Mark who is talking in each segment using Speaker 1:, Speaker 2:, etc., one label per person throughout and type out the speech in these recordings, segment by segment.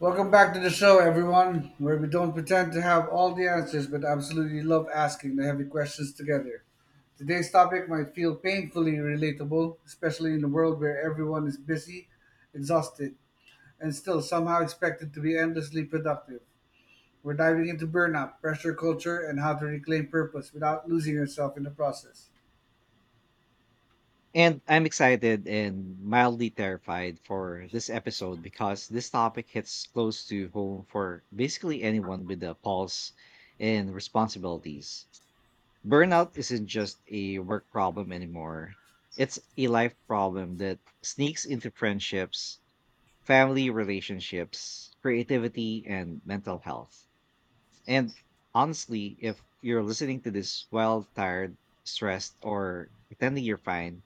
Speaker 1: Welcome back to the show, everyone, where we don't pretend to have all the answers but absolutely love asking the heavy questions together. Today's topic might feel painfully relatable, especially in a world where everyone is busy, exhausted, and still somehow expected to be endlessly productive. We're diving into burnout, pressure culture, and how to reclaim purpose without losing yourself in the process.
Speaker 2: And I'm excited and mildly terrified for this episode because this topic hits close to home for basically anyone with a pulse and responsibilities. Burnout isn't just a work problem anymore, it's a life problem that sneaks into friendships, family relationships, creativity, and mental health. And honestly, if you're listening to this well, tired, stressed, or pretending you're fine,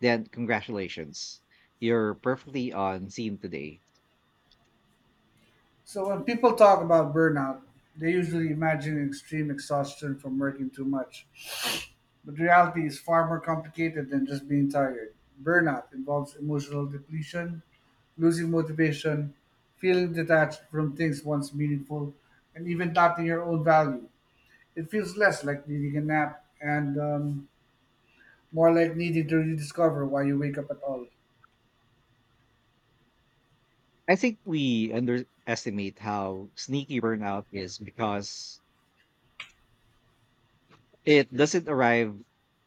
Speaker 2: then congratulations. You're perfectly on scene today.
Speaker 1: So, when people talk about burnout, they usually imagine extreme exhaustion from working too much. But reality is far more complicated than just being tired. Burnout involves emotional depletion, losing motivation, feeling detached from things once meaningful, and even doubting your own value. It feels less like needing a nap and more like needing to rediscover why you wake up at all.
Speaker 2: I think we underestimate how sneaky burnout is because it doesn't arrive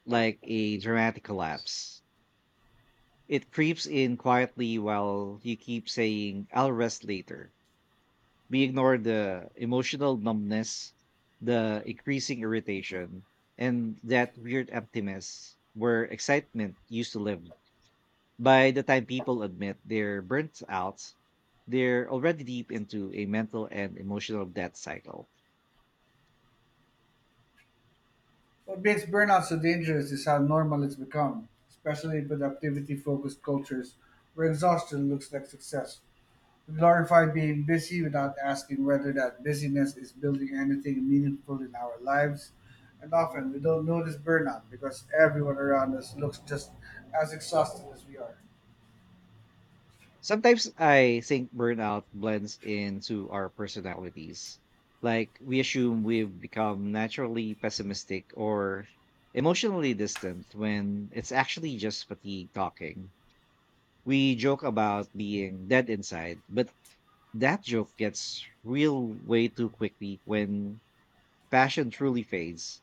Speaker 2: like a dramatic collapse. It creeps in quietly while you keep saying, I'll rest later. We ignore the emotional numbness, the increasing irritation, and that weird emptiness where excitement used to live. By the time people admit they're burnt out, they're already deep into a mental and emotional death cycle.
Speaker 1: What makes burnout so dangerous is how normal it's become, especially in productivity focused cultures where exhaustion looks like success. We glorify being busy without asking whether that busyness is building anything meaningful in our lives. And often we don't notice burnout because everyone around us looks just as exhausted as we are.
Speaker 2: Sometimes I think burnout blends into our personalities. Like we assume we've become naturally pessimistic or emotionally distant when it's actually just fatigue talking. We joke about being dead inside, but that joke gets real way too quickly when passion truly fades.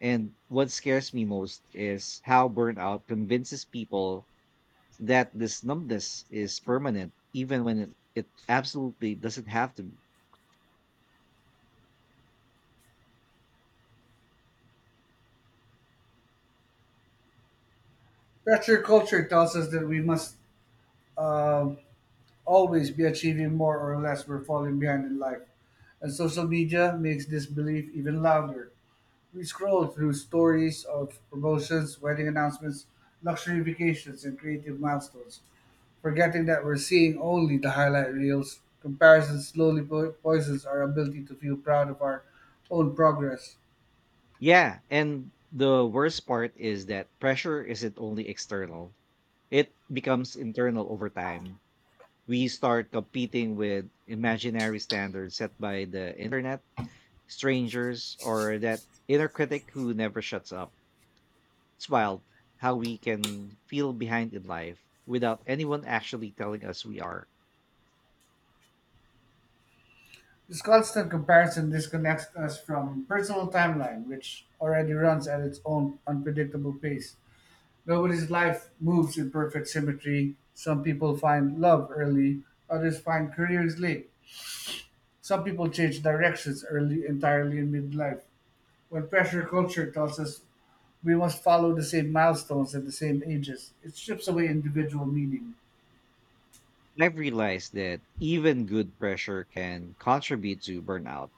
Speaker 2: And what scares me most is how burnout convinces people that this numbness is permanent, even when it absolutely doesn't have to be.
Speaker 1: Pressure culture tells us that we must um always be achieving more or less we're falling behind in life. And social media makes this belief even louder. We scroll through stories of promotions, wedding announcements, luxury vacations, and creative milestones, forgetting that we're seeing only the highlight reels. Comparison slowly poisons our ability to feel proud of our own progress.
Speaker 2: Yeah. And the worst part is that pressure isn't only external, it becomes internal over time. We start competing with imaginary standards set by the internet, strangers, or that inner critic who never shuts up. It's wild how we can feel behind in life without anyone actually telling us we are.
Speaker 1: This constant comparison disconnects us from personal timeline, which already runs at its own unpredictable pace. Nobody's life moves in perfect symmetry. Some people find love early, others find careers late. Some people change directions early entirely in midlife. When pressure culture tells us we must follow the same milestones at the same ages, it strips away individual meaning.
Speaker 2: I've realized that even good pressure can contribute to burnout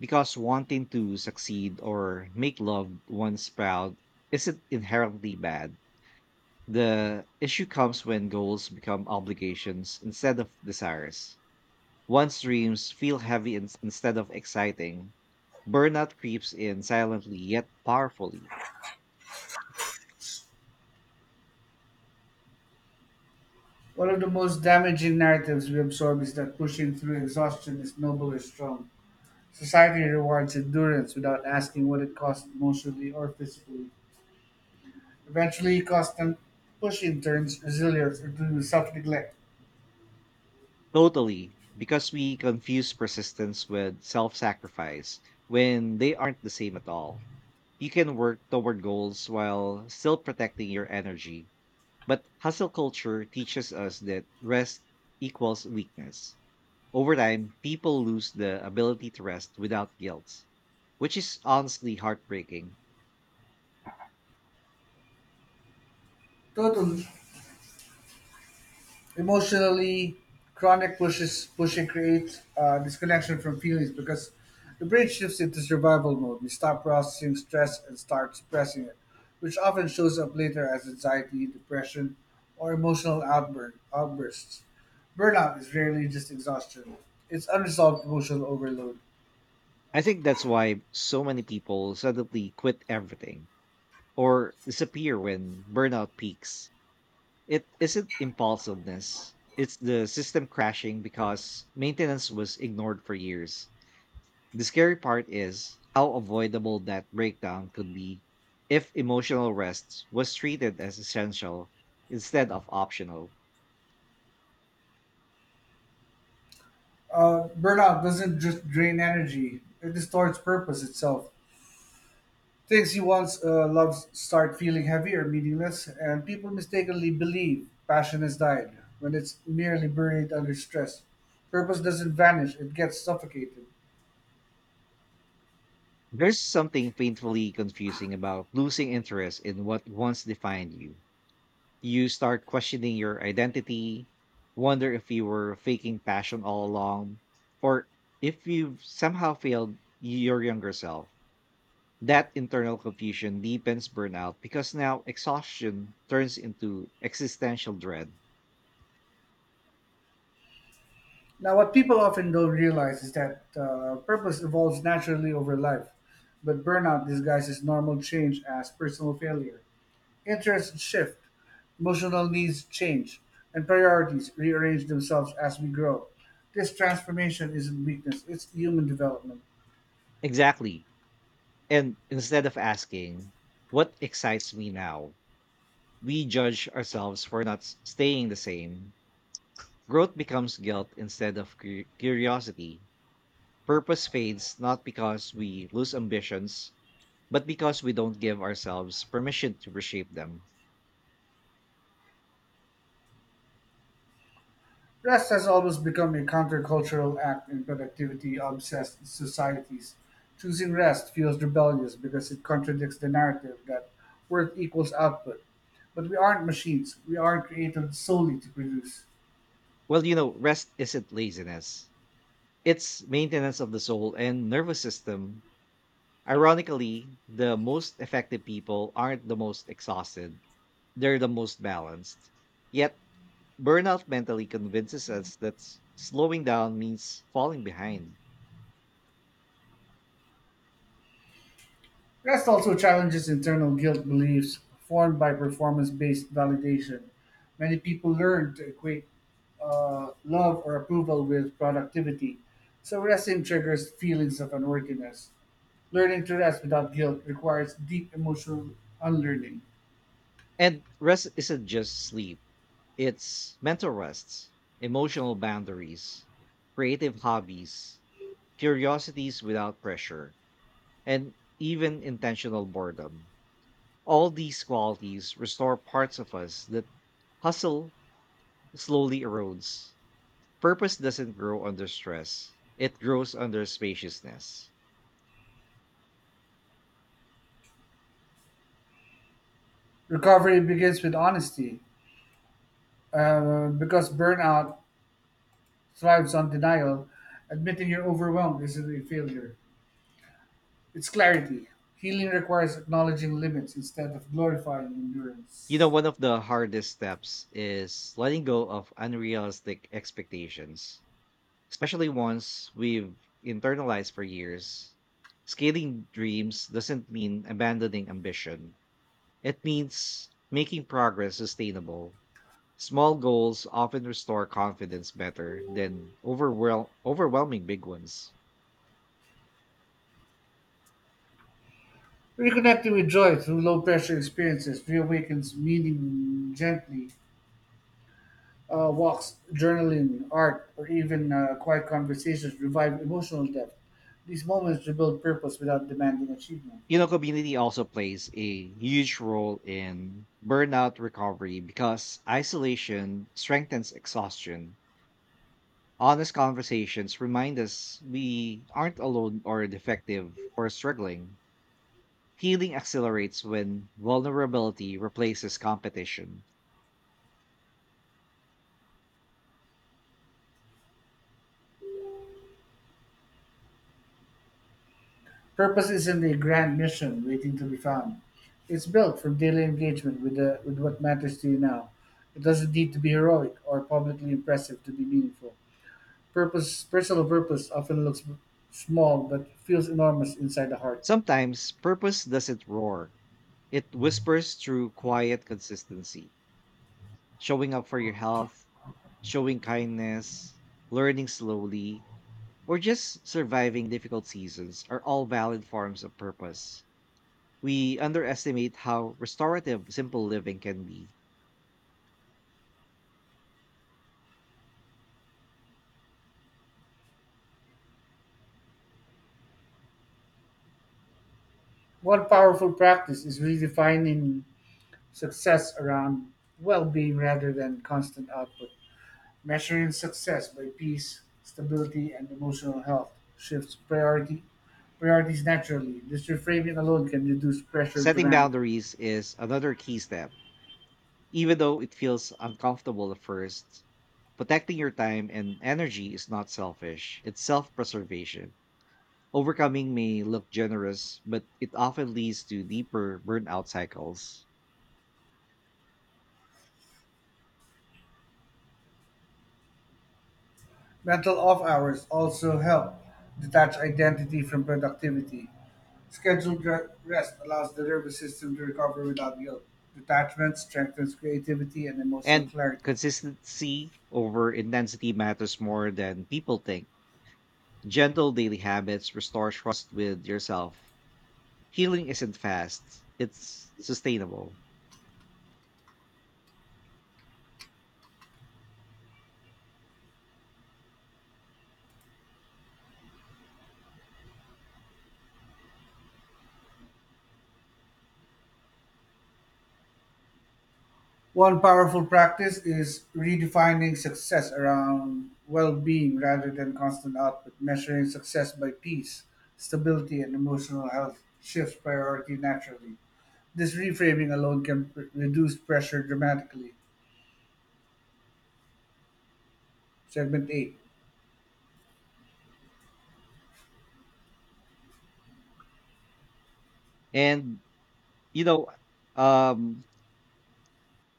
Speaker 2: because wanting to succeed or make loved ones proud isn't inherently bad. The issue comes when goals become obligations instead of desires. Once dreams feel heavy instead of exciting. Burnout creeps in silently yet powerfully.
Speaker 1: One of the most damaging narratives we absorb is that pushing through exhaustion is noble or strong. Society rewards endurance without asking what it costs emotionally or physically. Eventually, constant pushing turns resilience into self neglect.
Speaker 2: Totally, because we confuse persistence with self sacrifice when they aren't the same at all. You can work toward goals while still protecting your energy, but hustle culture teaches us that rest equals weakness. Over time, people lose the ability to rest without guilt, which is honestly heartbreaking.
Speaker 1: Total, emotionally, chronic pushes pushing creates disconnection from feelings because the brain shifts into survival mode. We stop processing stress and start suppressing it, which often shows up later as anxiety, depression, or emotional outbursts. Burnout is rarely just exhaustion, it's unresolved emotional overload.
Speaker 2: I think that's why so many people suddenly quit everything or disappear when burnout peaks. It isn't impulsiveness. It's the system crashing because maintenance was ignored for years. The scary part is how avoidable that breakdown could be if emotional rest was treated as essential instead of optional.
Speaker 1: Burnout doesn't just drain energy, it distorts purpose itself. Things you once loved start feeling heavy or meaningless, and people mistakenly believe passion has died when it's merely buried under stress. Purpose doesn't vanish, it gets suffocated.
Speaker 2: There's something painfully confusing about losing interest in what once defined you. You start questioning your identity, wonder if you were faking passion all along, or if you've somehow failed your younger self. That internal confusion deepens burnout because now exhaustion turns into existential dread.
Speaker 1: Now, what people often don't realize is that purpose evolves naturally over life, but burnout disguises normal change as personal failure. Interests shift, emotional needs change, and priorities rearrange themselves as we grow. This transformation isn't weakness, it's human development.
Speaker 2: Exactly. And instead of asking, what excites me now? We judge ourselves for not staying the same. Growth becomes guilt instead of curiosity. Purpose fades not because we lose ambitions, but because we don't give ourselves permission to reshape them.
Speaker 1: Rest has always become a countercultural act in productivity obsessed societies. Choosing rest feels rebellious because it contradicts the narrative that work equals output. But we aren't machines, we aren't created solely to produce.
Speaker 2: Well, rest isn't laziness, it's maintenance of the soul and nervous system. Ironically, the most effective people aren't the most exhausted, they're the most balanced. Yet, burnout mentally convinces us that slowing down means falling behind.
Speaker 1: Rest also challenges internal guilt beliefs formed by performance based validation. Many people learn to equate love or approval with productivity, so resting triggers feelings of unworthiness. Learning to rest without guilt requires deep emotional unlearning.
Speaker 2: And rest isn't just sleep. It's mental rests, emotional boundaries, creative hobbies, curiosities without pressure, and even intentional boredom. All these qualities restore parts of us that hustle slowly erodes. Purpose doesn't grow under stress, it grows under spaciousness.
Speaker 1: Recovery begins with honesty, because burnout thrives on denial. Admitting you're overwhelmed isn't a failure, it's clarity. Healing requires acknowledging limits instead of glorifying endurance.
Speaker 2: One of the hardest steps is letting go of unrealistic expectations especially once we've internalized for years, scaling dreams doesn't mean abandoning ambition. It means making progress sustainable. Small goals often restore confidence better than overwhelming big ones.
Speaker 1: Reconnecting with joy through low pressure experiences reawakens meaning gently. Walks, journaling, art, or even quiet conversations revive emotional depth. These moments rebuild purpose without demanding achievement.
Speaker 2: Community also plays a huge role in burnout recovery because isolation strengthens exhaustion. Honest conversations remind us we aren't alone or defective or struggling. Healing accelerates when vulnerability replaces competition.
Speaker 1: Purpose isn't a grand mission waiting to be found. It's built from daily engagement with what matters to you now. It doesn't need to be heroic or publicly impressive to be meaningful. Personal purpose often looks small but feels enormous inside the heart.
Speaker 2: Sometimes purpose doesn't roar, it whispers through quiet consistency, showing up for your health, showing kindness, learning slowly, or just surviving difficult seasons are all valid forms of purpose. We underestimate how restorative simple living can be.
Speaker 1: One powerful practice is redefining success around well being rather than constant output. Measuring success by peace, stability, and emotional health shifts priority priorities naturally. This reframing alone can reduce pressure
Speaker 2: Setting
Speaker 1: dramatically.
Speaker 2: boundaries is another key step even though it feels uncomfortable at first. Protecting your time and energy is not selfish, it's self preservation. Overcoming may look generous, but it often leads to deeper burnout cycles.
Speaker 1: Mental off hours also help detach identity from productivity. Scheduled rest allows the nervous system to recover without guilt. Detachment strengthens creativity and emotional
Speaker 2: And
Speaker 1: clarity.
Speaker 2: consistency over intensity matters more than people think. Gentle daily habits restore trust with yourself. Healing isn't fast, it's sustainable.
Speaker 1: One powerful practice is redefining success around well-being rather than constant output, measuring success by peace, stability, and emotional health shifts priority naturally. This reframing alone can reduce pressure dramatically. Segment 8.
Speaker 2: And, you know, um,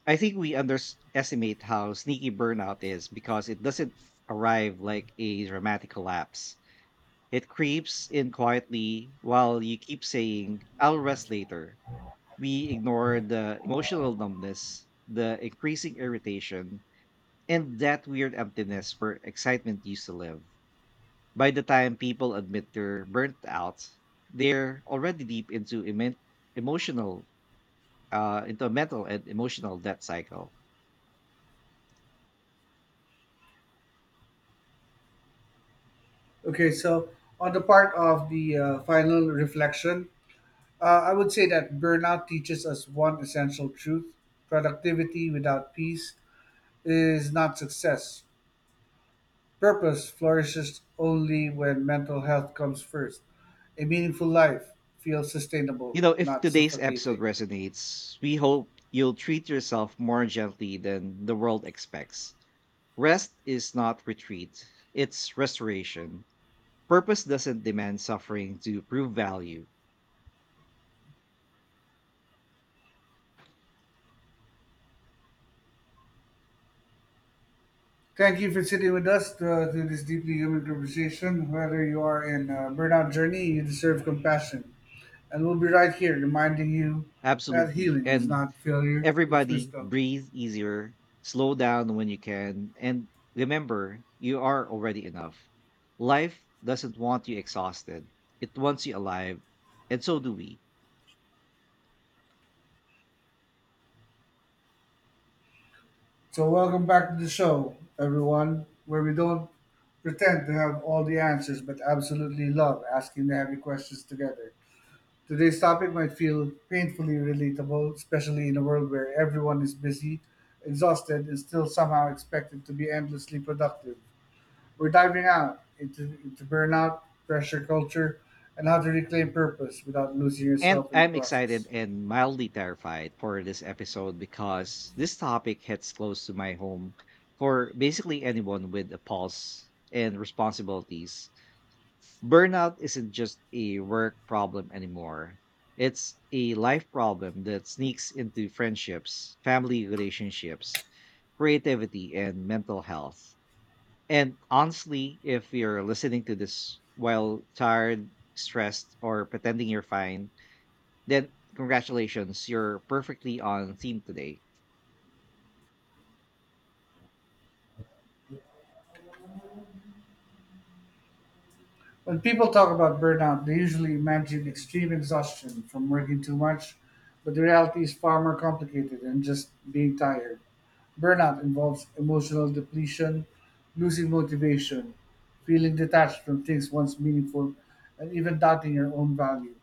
Speaker 2: I think we underestimate how sneaky burnout is because it doesn't arrive like a dramatic collapse. It creeps in quietly while you keep saying, I'll rest later. We ignore the emotional numbness, the increasing irritation, and that weird emptiness where excitement used to live. By the time people admit they're burnt out, they're already deep into emotional, into a mental and emotional death cycle.
Speaker 1: Okay, so on the part of the final reflection, I would say that burnout teaches us one essential truth, productivity without peace is not success. Purpose flourishes only when mental health comes first. A meaningful life feels sustainable,
Speaker 2: If
Speaker 1: not
Speaker 2: today's episode
Speaker 1: suffocating.
Speaker 2: resonates, we hope you'll treat yourself more gently than the world expects. Rest is not retreat, it's restoration. Purpose doesn't demand suffering to prove value.
Speaker 1: Thank you for sitting with us through this deeply human conversation. Whether you are in a burnout journey, you deserve compassion. And we'll be right here reminding you that
Speaker 2: Absolutely.
Speaker 1: healing is
Speaker 2: And
Speaker 1: not failure, it's
Speaker 2: everybody,
Speaker 1: wisdom.
Speaker 2: breathe easier, slow down when you can, and remember, you are already enough. Life doesn't want you exhausted, it wants you alive, and so do we.
Speaker 1: So, welcome back to the show, everyone, where we don't pretend to have all the answers, but absolutely love asking the heavy questions together. Today's topic might feel painfully relatable, especially in a world where everyone is busy, exhausted, and still somehow expected to be endlessly productive. We're into burnout, pressure culture, and how to reclaim purpose without losing
Speaker 2: And
Speaker 1: yourself in the
Speaker 2: I'm excited
Speaker 1: process.
Speaker 2: and mildly terrified for this episode because this topic hits close to my home for basically anyone with a pulse and responsibilities. Burnout isn't just a work problem anymore, it's a life problem that sneaks into friendships, family relationships, creativity, and mental health. And honestly, if you're listening to this while tired, stressed, or pretending you're fine, then congratulations, you're perfectly on theme today.
Speaker 1: When people talk about burnout, they usually imagine extreme exhaustion from working too much, but the reality is far more complicated than just being tired. Burnout involves emotional depletion, losing motivation, feeling detached from things once meaningful, and even doubting your own value.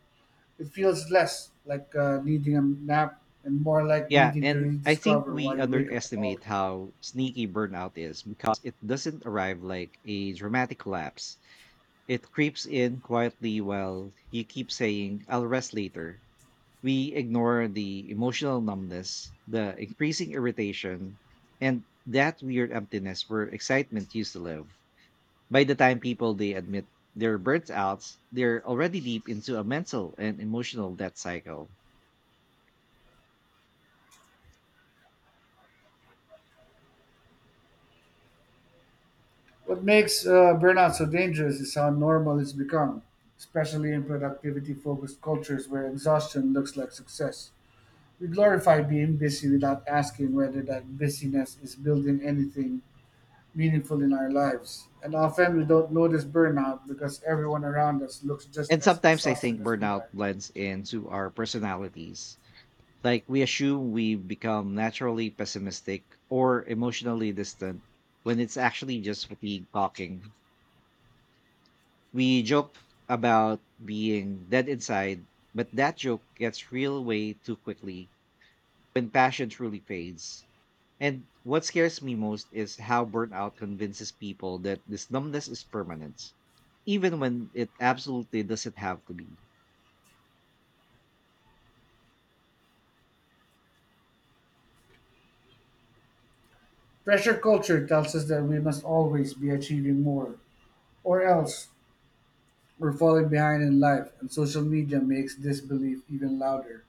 Speaker 1: It feels less like needing a nap and more like
Speaker 2: Yeah,
Speaker 1: needing to
Speaker 2: and I think
Speaker 1: rediscover why
Speaker 2: we
Speaker 1: you wake up at all.
Speaker 2: underestimate how sneaky burnout is because it doesn't arrive like a dramatic collapse. It creeps in quietly while you keep saying, I'll rest later. We ignore the emotional numbness, the increasing irritation, and that weird emptiness where excitement used to live. By the time people they admit they're burnt outs, they're already deep into a mental and emotional death cycle.
Speaker 1: What makes burnout so dangerous is how normal it's become, especially in productivity focused cultures where exhaustion looks like success. We glorify being busy without asking whether that busyness is building anything meaningful in our lives. And often we don't notice burnout because everyone around us looks just
Speaker 2: And
Speaker 1: as
Speaker 2: sometimes I
Speaker 1: exhausted
Speaker 2: think
Speaker 1: as we
Speaker 2: burnout
Speaker 1: are.
Speaker 2: blends into our personalities. Like we assume we become naturally pessimistic or emotionally distant when it's actually just fatigue talking. We joke about being dead inside, but that joke gets real way too quickly when passion truly fades. And what scares me most is how burnout convinces people that this numbness is permanent, even when it absolutely doesn't have to be.
Speaker 1: Pressure culture tells us that we must always be achieving more, or else we're falling behind in life, and social media makes this belief even louder.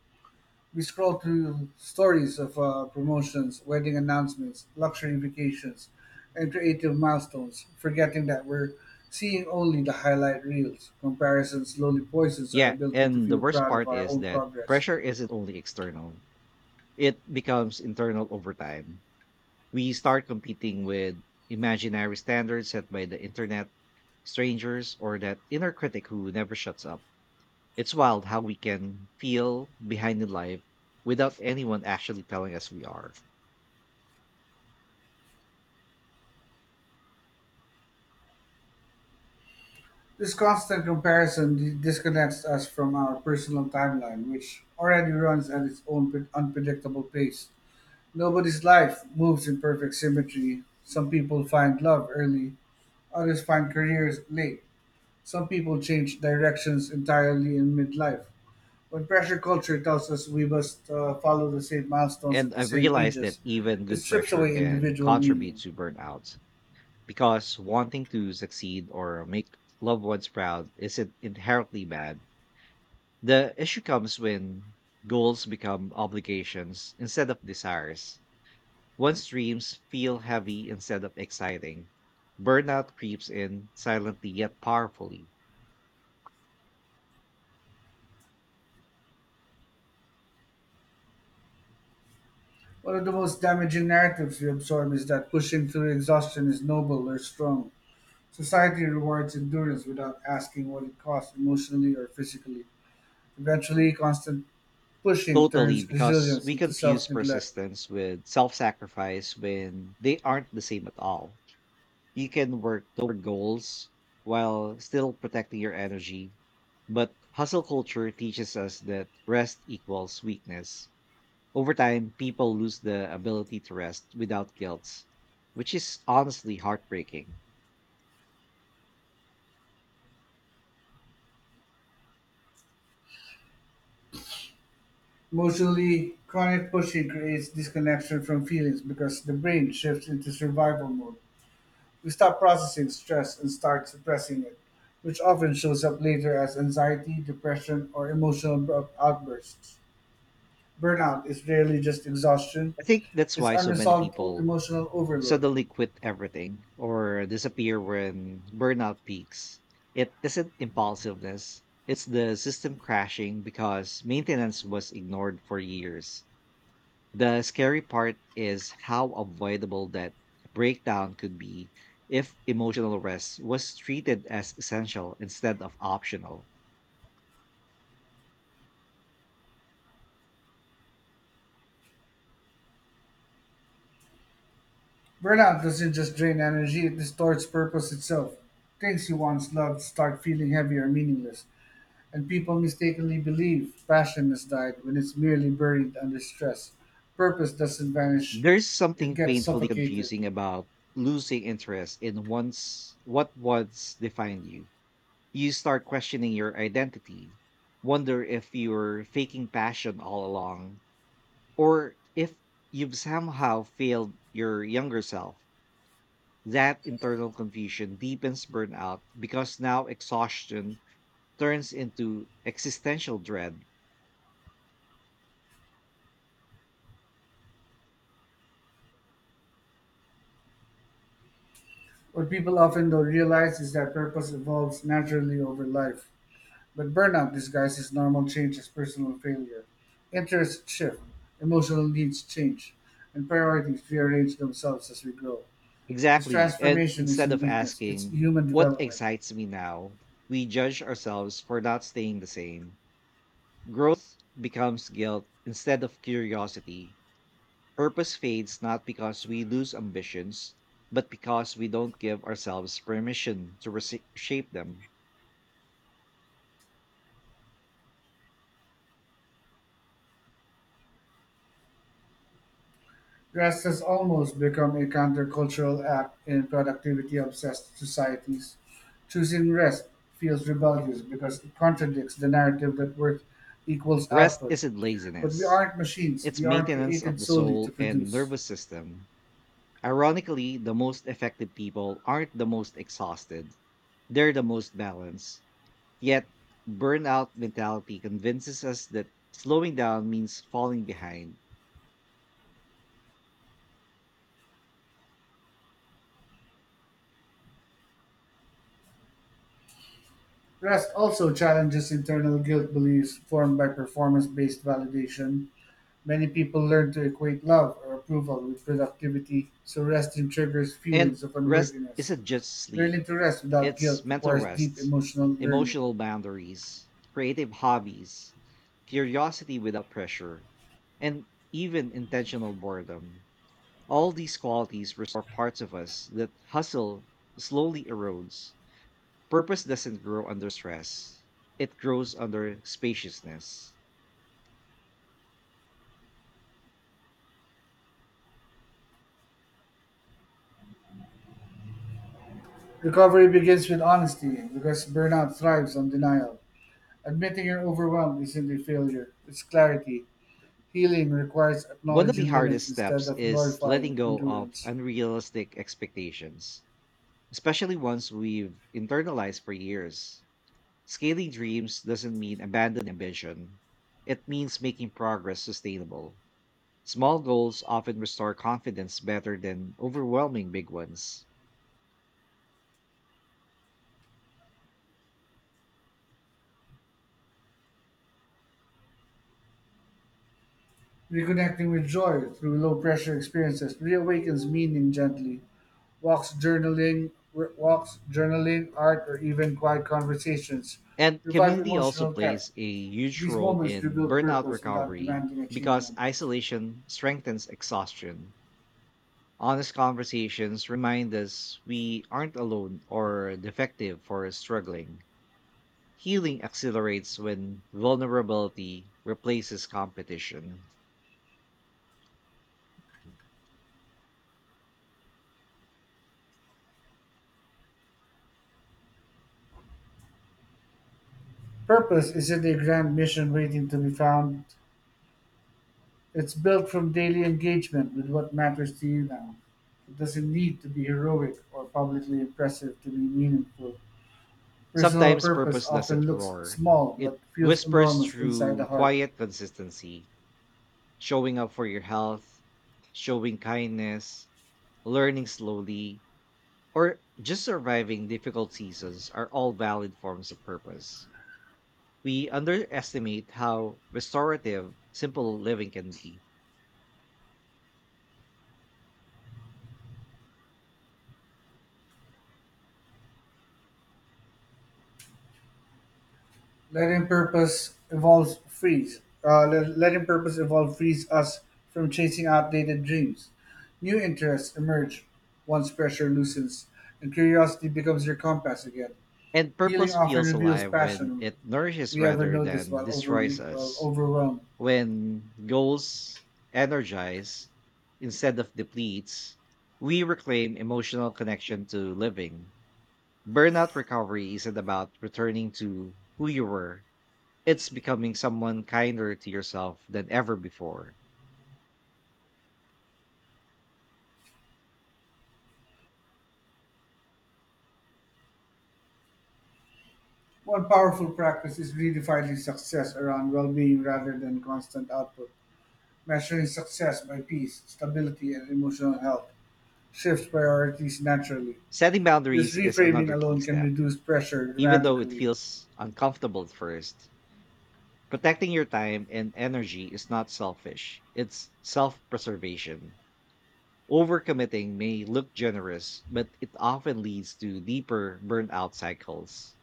Speaker 1: We scroll through stories of promotions, wedding announcements, luxury vacations, and creative milestones, forgetting that we're seeing only the highlight reels. Comparison slowly poisons our
Speaker 2: Yeah,
Speaker 1: ability to
Speaker 2: and the
Speaker 1: feel
Speaker 2: worst
Speaker 1: proud of
Speaker 2: part
Speaker 1: our
Speaker 2: is
Speaker 1: own
Speaker 2: that
Speaker 1: progress.
Speaker 2: pressure isn't only external, it becomes internal over time. We start competing with imaginary standards set by the internet, strangers, or that inner critic who never shuts up. It's wild how we can feel behind the life without anyone actually telling us we are.
Speaker 1: This constant comparison disconnects us from our personal timeline, which already runs at its own unpredictable pace. Nobody's life moves in perfect symmetry. Some people find love early, others find careers late. Some people change directions entirely in midlife. When pressure culture tells us we must follow the same milestones
Speaker 2: And
Speaker 1: at the
Speaker 2: I've
Speaker 1: same
Speaker 2: realized that
Speaker 1: ages,
Speaker 2: even
Speaker 1: it
Speaker 2: good
Speaker 1: strips
Speaker 2: pressure
Speaker 1: away
Speaker 2: can
Speaker 1: individual
Speaker 2: contribute
Speaker 1: meaning.
Speaker 2: to burnout because wanting to succeed or make loved ones proud isn't inherently bad. The issue comes when goals become obligations instead of desires. Once dreams feel heavy instead of exciting. Burnout creeps in silently yet powerfully.
Speaker 1: One of the most damaging narratives we absorb is that pushing through exhaustion is noble or strong. Society rewards endurance without asking what it costs emotionally or physically. Eventually, constant pushing
Speaker 2: Totally,
Speaker 1: turns
Speaker 2: because
Speaker 1: resilience
Speaker 2: we
Speaker 1: into self
Speaker 2: confuse
Speaker 1: neglect.
Speaker 2: persistence with self sacrifice when they aren't the same at all. You can work toward goals while still protecting your energy, but hustle culture teaches us that rest equals weakness. Over time, people lose the ability to rest without guilt, which is honestly heartbreaking.
Speaker 1: Emotionally chronic pushing creates disconnection from feelings because the brain shifts into survival mode. We stop processing stress and start suppressing it, which often shows up later as anxiety, depression, or emotional outbursts. Burnout is rarely just exhaustion,
Speaker 2: I think that's
Speaker 1: it's
Speaker 2: why so many
Speaker 1: unresolved
Speaker 2: people
Speaker 1: emotional overload.
Speaker 2: suddenly quit everything or disappear when burnout peaks. It isn't impulsiveness, it's the system crashing because maintenance was ignored for years. The scary part is how avoidable that breakdown could be if emotional rest was treated as essential instead of optional.
Speaker 1: Burnout doesn't just drain energy, it distorts purpose itself. Things you once loved start feeling heavy or meaningless. And people mistakenly believe passion has died when it's merely buried under stress. Purpose doesn't vanish,
Speaker 2: There's
Speaker 1: it
Speaker 2: something
Speaker 1: gets
Speaker 2: painfully
Speaker 1: suffocated.
Speaker 2: confusing about losing interest in once what once defined you. You start questioning your identity, wonder if you are faking passion all along, or if you've somehow failed your younger self. That internal confusion deepens burnout because now exhaustion turns into existential dread.
Speaker 1: What people often don't realize is that purpose evolves naturally over life. But burnout disguises normal change as personal failure. Interests shift, emotional needs change, and priorities rearrange themselves as we grow. This
Speaker 2: Exactly. And
Speaker 1: transformation
Speaker 2: instead
Speaker 1: isn't
Speaker 2: of
Speaker 1: weakness, it's
Speaker 2: asking,
Speaker 1: human
Speaker 2: what
Speaker 1: development.
Speaker 2: excites me now, we judge ourselves for not staying the same. Growth becomes guilt instead of curiosity. Purpose fades not because we lose ambitions, but because we don't give ourselves permission to shape them.
Speaker 1: Rest has almost become a countercultural act in productivity-obsessed societies. Choosing rest feels rebellious because it contradicts the narrative that work equals
Speaker 2: Rest
Speaker 1: output.
Speaker 2: isn't
Speaker 1: But we
Speaker 2: laziness,
Speaker 1: aren't machines.
Speaker 2: it's
Speaker 1: We aren't
Speaker 2: maintenance of
Speaker 1: created
Speaker 2: the
Speaker 1: solely to
Speaker 2: soul and
Speaker 1: produce.
Speaker 2: nervous system. Ironically, the most effective people aren't the most exhausted, they're the most balanced. Yet, burnout mentality convinces us that slowing down means falling behind.
Speaker 1: Rest also challenges internal guilt beliefs formed by performance based validation. Many people learn to equate love or approval with productivity, so resting triggers
Speaker 2: And
Speaker 1: feelings of
Speaker 2: rest
Speaker 1: unworthiness.
Speaker 2: isn't just sleep.
Speaker 1: Learning to rest without
Speaker 2: It's
Speaker 1: guilt
Speaker 2: mental
Speaker 1: requires deep
Speaker 2: rest,
Speaker 1: emotional learning.
Speaker 2: emotional boundaries, creative hobbies, curiosity without pressure, and even intentional boredom. All these qualities restore parts of us that hustle slowly erodes. Purpose doesn't grow under stress, it grows under spaciousness.
Speaker 1: Recovery begins with honesty because burnout thrives on denial. Admitting you're overwhelmed isn't a failure, it's clarity. Healing requires
Speaker 2: One of the
Speaker 1: acknowledging limits
Speaker 2: hardest
Speaker 1: instead
Speaker 2: steps
Speaker 1: of
Speaker 2: is letting
Speaker 1: glorifying
Speaker 2: go of
Speaker 1: endurance.
Speaker 2: unrealistic expectations, especially ones we've internalized for years. Scaling dreams doesn't mean abandoning ambition. It means making progress sustainable. Small goals often restore confidence better than overwhelming big ones.
Speaker 1: Reconnecting with joy through low pressure experiences reawakens meaning gently. Walks, journaling, Walks, journaling, art, or even quiet conversations
Speaker 2: And
Speaker 1: revive
Speaker 2: community also
Speaker 1: emotional depth.
Speaker 2: plays a huge
Speaker 1: These
Speaker 2: role
Speaker 1: moments
Speaker 2: in
Speaker 1: rebuild
Speaker 2: burnout
Speaker 1: purpose without
Speaker 2: recovery
Speaker 1: demanding
Speaker 2: because
Speaker 1: achievement.
Speaker 2: isolation strengthens exhaustion. Honest conversations remind us we aren't alone or defective for struggling. Healing accelerates when vulnerability replaces competition.
Speaker 1: Purpose isn't a grand mission waiting to be found. It's built from daily engagement with what matters to you now. It doesn't need to be heroic or publicly impressive to be meaningful. Personal
Speaker 2: Sometimes
Speaker 1: purpose
Speaker 2: purpose doesn't
Speaker 1: often looks
Speaker 2: roar.
Speaker 1: small
Speaker 2: It
Speaker 1: but feels
Speaker 2: whispers
Speaker 1: enormous inside the
Speaker 2: through
Speaker 1: heart.
Speaker 2: quiet consistency, showing up for your health, showing kindness, learning slowly, or just surviving difficult seasons are all valid forms of purpose. We underestimate how restorative simple living can be.
Speaker 1: Letting purpose evolve frees us from chasing outdated dreams. New interests emerge once pressure loosens, and curiosity becomes your compass again.
Speaker 2: And
Speaker 1: Healing
Speaker 2: purpose
Speaker 1: often
Speaker 2: feels
Speaker 1: reveals
Speaker 2: alive when
Speaker 1: passion
Speaker 2: it nourishes
Speaker 1: we ever
Speaker 2: rather
Speaker 1: notice
Speaker 2: than
Speaker 1: while
Speaker 2: destroys
Speaker 1: well,
Speaker 2: us.
Speaker 1: overwhelmed.
Speaker 2: When goals energize instead of depletes, we reclaim emotional connection to living. Burnout recovery isn't about returning to who you were, it's becoming someone kinder to yourself than ever before.
Speaker 1: One powerful practice is redefining success around well being rather than constant output. Measuring success by peace, stability, and emotional health shifts priorities naturally.
Speaker 2: Setting
Speaker 1: This
Speaker 2: boundaries is
Speaker 1: reframing
Speaker 2: another key
Speaker 1: alone can
Speaker 2: step,
Speaker 1: reduce pressure
Speaker 2: even though it
Speaker 1: dramatically.
Speaker 2: feels uncomfortable at first. Protecting your time and energy is not selfish, it's self preservation. Overcommitting may look generous, but it often leads to deeper burnout cycles.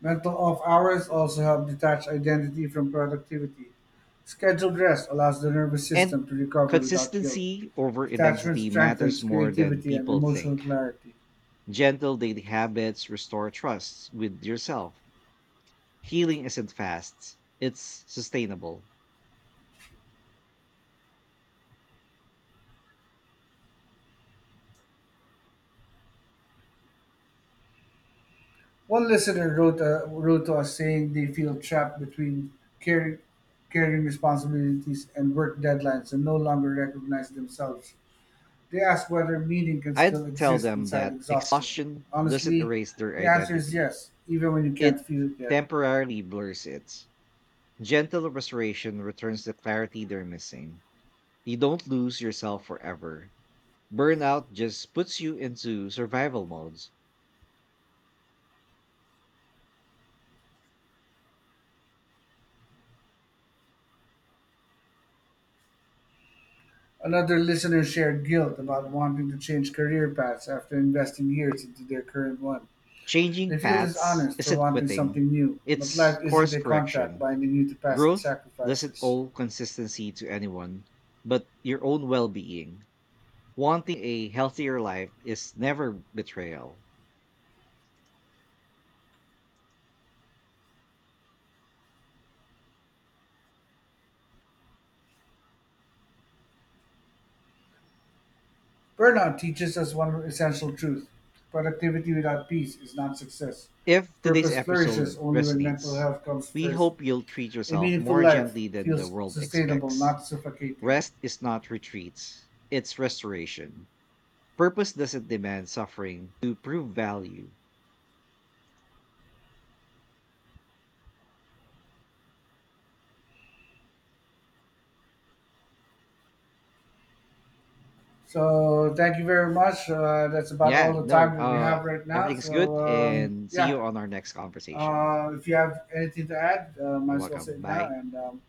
Speaker 1: Mental off hours also help detach identity from productivity. Scheduled rest allows the nervous
Speaker 2: And
Speaker 1: system to recover without guilt.
Speaker 2: consistency over
Speaker 1: Detachment
Speaker 2: intensity matters
Speaker 1: strengthens
Speaker 2: more than
Speaker 1: creativity and
Speaker 2: people
Speaker 1: emotional
Speaker 2: think.
Speaker 1: clarity.
Speaker 2: Gentle daily habits restore trust with yourself. Healing isn't fast, it's sustainable.
Speaker 1: One listener wrote wrote to us saying they feel trapped between caring, caring responsibilities and work deadlines and no longer recognize themselves. They ask whether meaning can
Speaker 2: I'd
Speaker 1: still
Speaker 2: tell
Speaker 1: exist
Speaker 2: them
Speaker 1: inside
Speaker 2: that
Speaker 1: exhaustion.
Speaker 2: exhaustion doesn't
Speaker 1: Honestly,
Speaker 2: erase their
Speaker 1: the answer is
Speaker 2: identity,
Speaker 1: yes, even when you can't
Speaker 2: it
Speaker 1: feel it yet.
Speaker 2: temporarily blurs it. Gentle restoration returns the clarity they're missing. You don't lose yourself forever. Burnout just puts you into survival modes.
Speaker 1: Another listener shared guilt about wanting to change career paths after investing years into their current one.
Speaker 2: Changing
Speaker 1: They feel
Speaker 2: paths
Speaker 1: dishonest for
Speaker 2: isn't
Speaker 1: wanting
Speaker 2: quitting,
Speaker 1: something new, but
Speaker 2: it's
Speaker 1: life
Speaker 2: course
Speaker 1: isn't a contract
Speaker 2: correction.
Speaker 1: binding you to past
Speaker 2: Growth doesn't
Speaker 1: sacrifices.
Speaker 2: owe consistency to anyone, but your own well being. Wanting a healthier life is never betrayal.
Speaker 1: Burnout teaches us one essential truth, productivity without peace is not success.
Speaker 2: If today's
Speaker 1: Purpose
Speaker 2: episode
Speaker 1: flourishes only when mental
Speaker 2: resonates,
Speaker 1: health comes
Speaker 2: we
Speaker 1: first.
Speaker 2: hope you'll treat
Speaker 1: A
Speaker 2: yourself
Speaker 1: meaningful
Speaker 2: more
Speaker 1: life
Speaker 2: gently than the
Speaker 1: feels
Speaker 2: world
Speaker 1: sustainable,
Speaker 2: expects.
Speaker 1: not suffocating.
Speaker 2: Rest is not retreat, it's restoration. Purpose doesn't demand suffering to prove value.
Speaker 1: So, thank you very much. That's about all
Speaker 2: Yeah,
Speaker 1: the
Speaker 2: no,
Speaker 1: time that we have right now.
Speaker 2: everything's
Speaker 1: So,
Speaker 2: good and see you
Speaker 1: yeah,
Speaker 2: on our next conversation.
Speaker 1: if you have anything to add, might
Speaker 2: You're
Speaker 1: as well say
Speaker 2: welcome.
Speaker 1: it now.
Speaker 2: Bye.
Speaker 1: And um,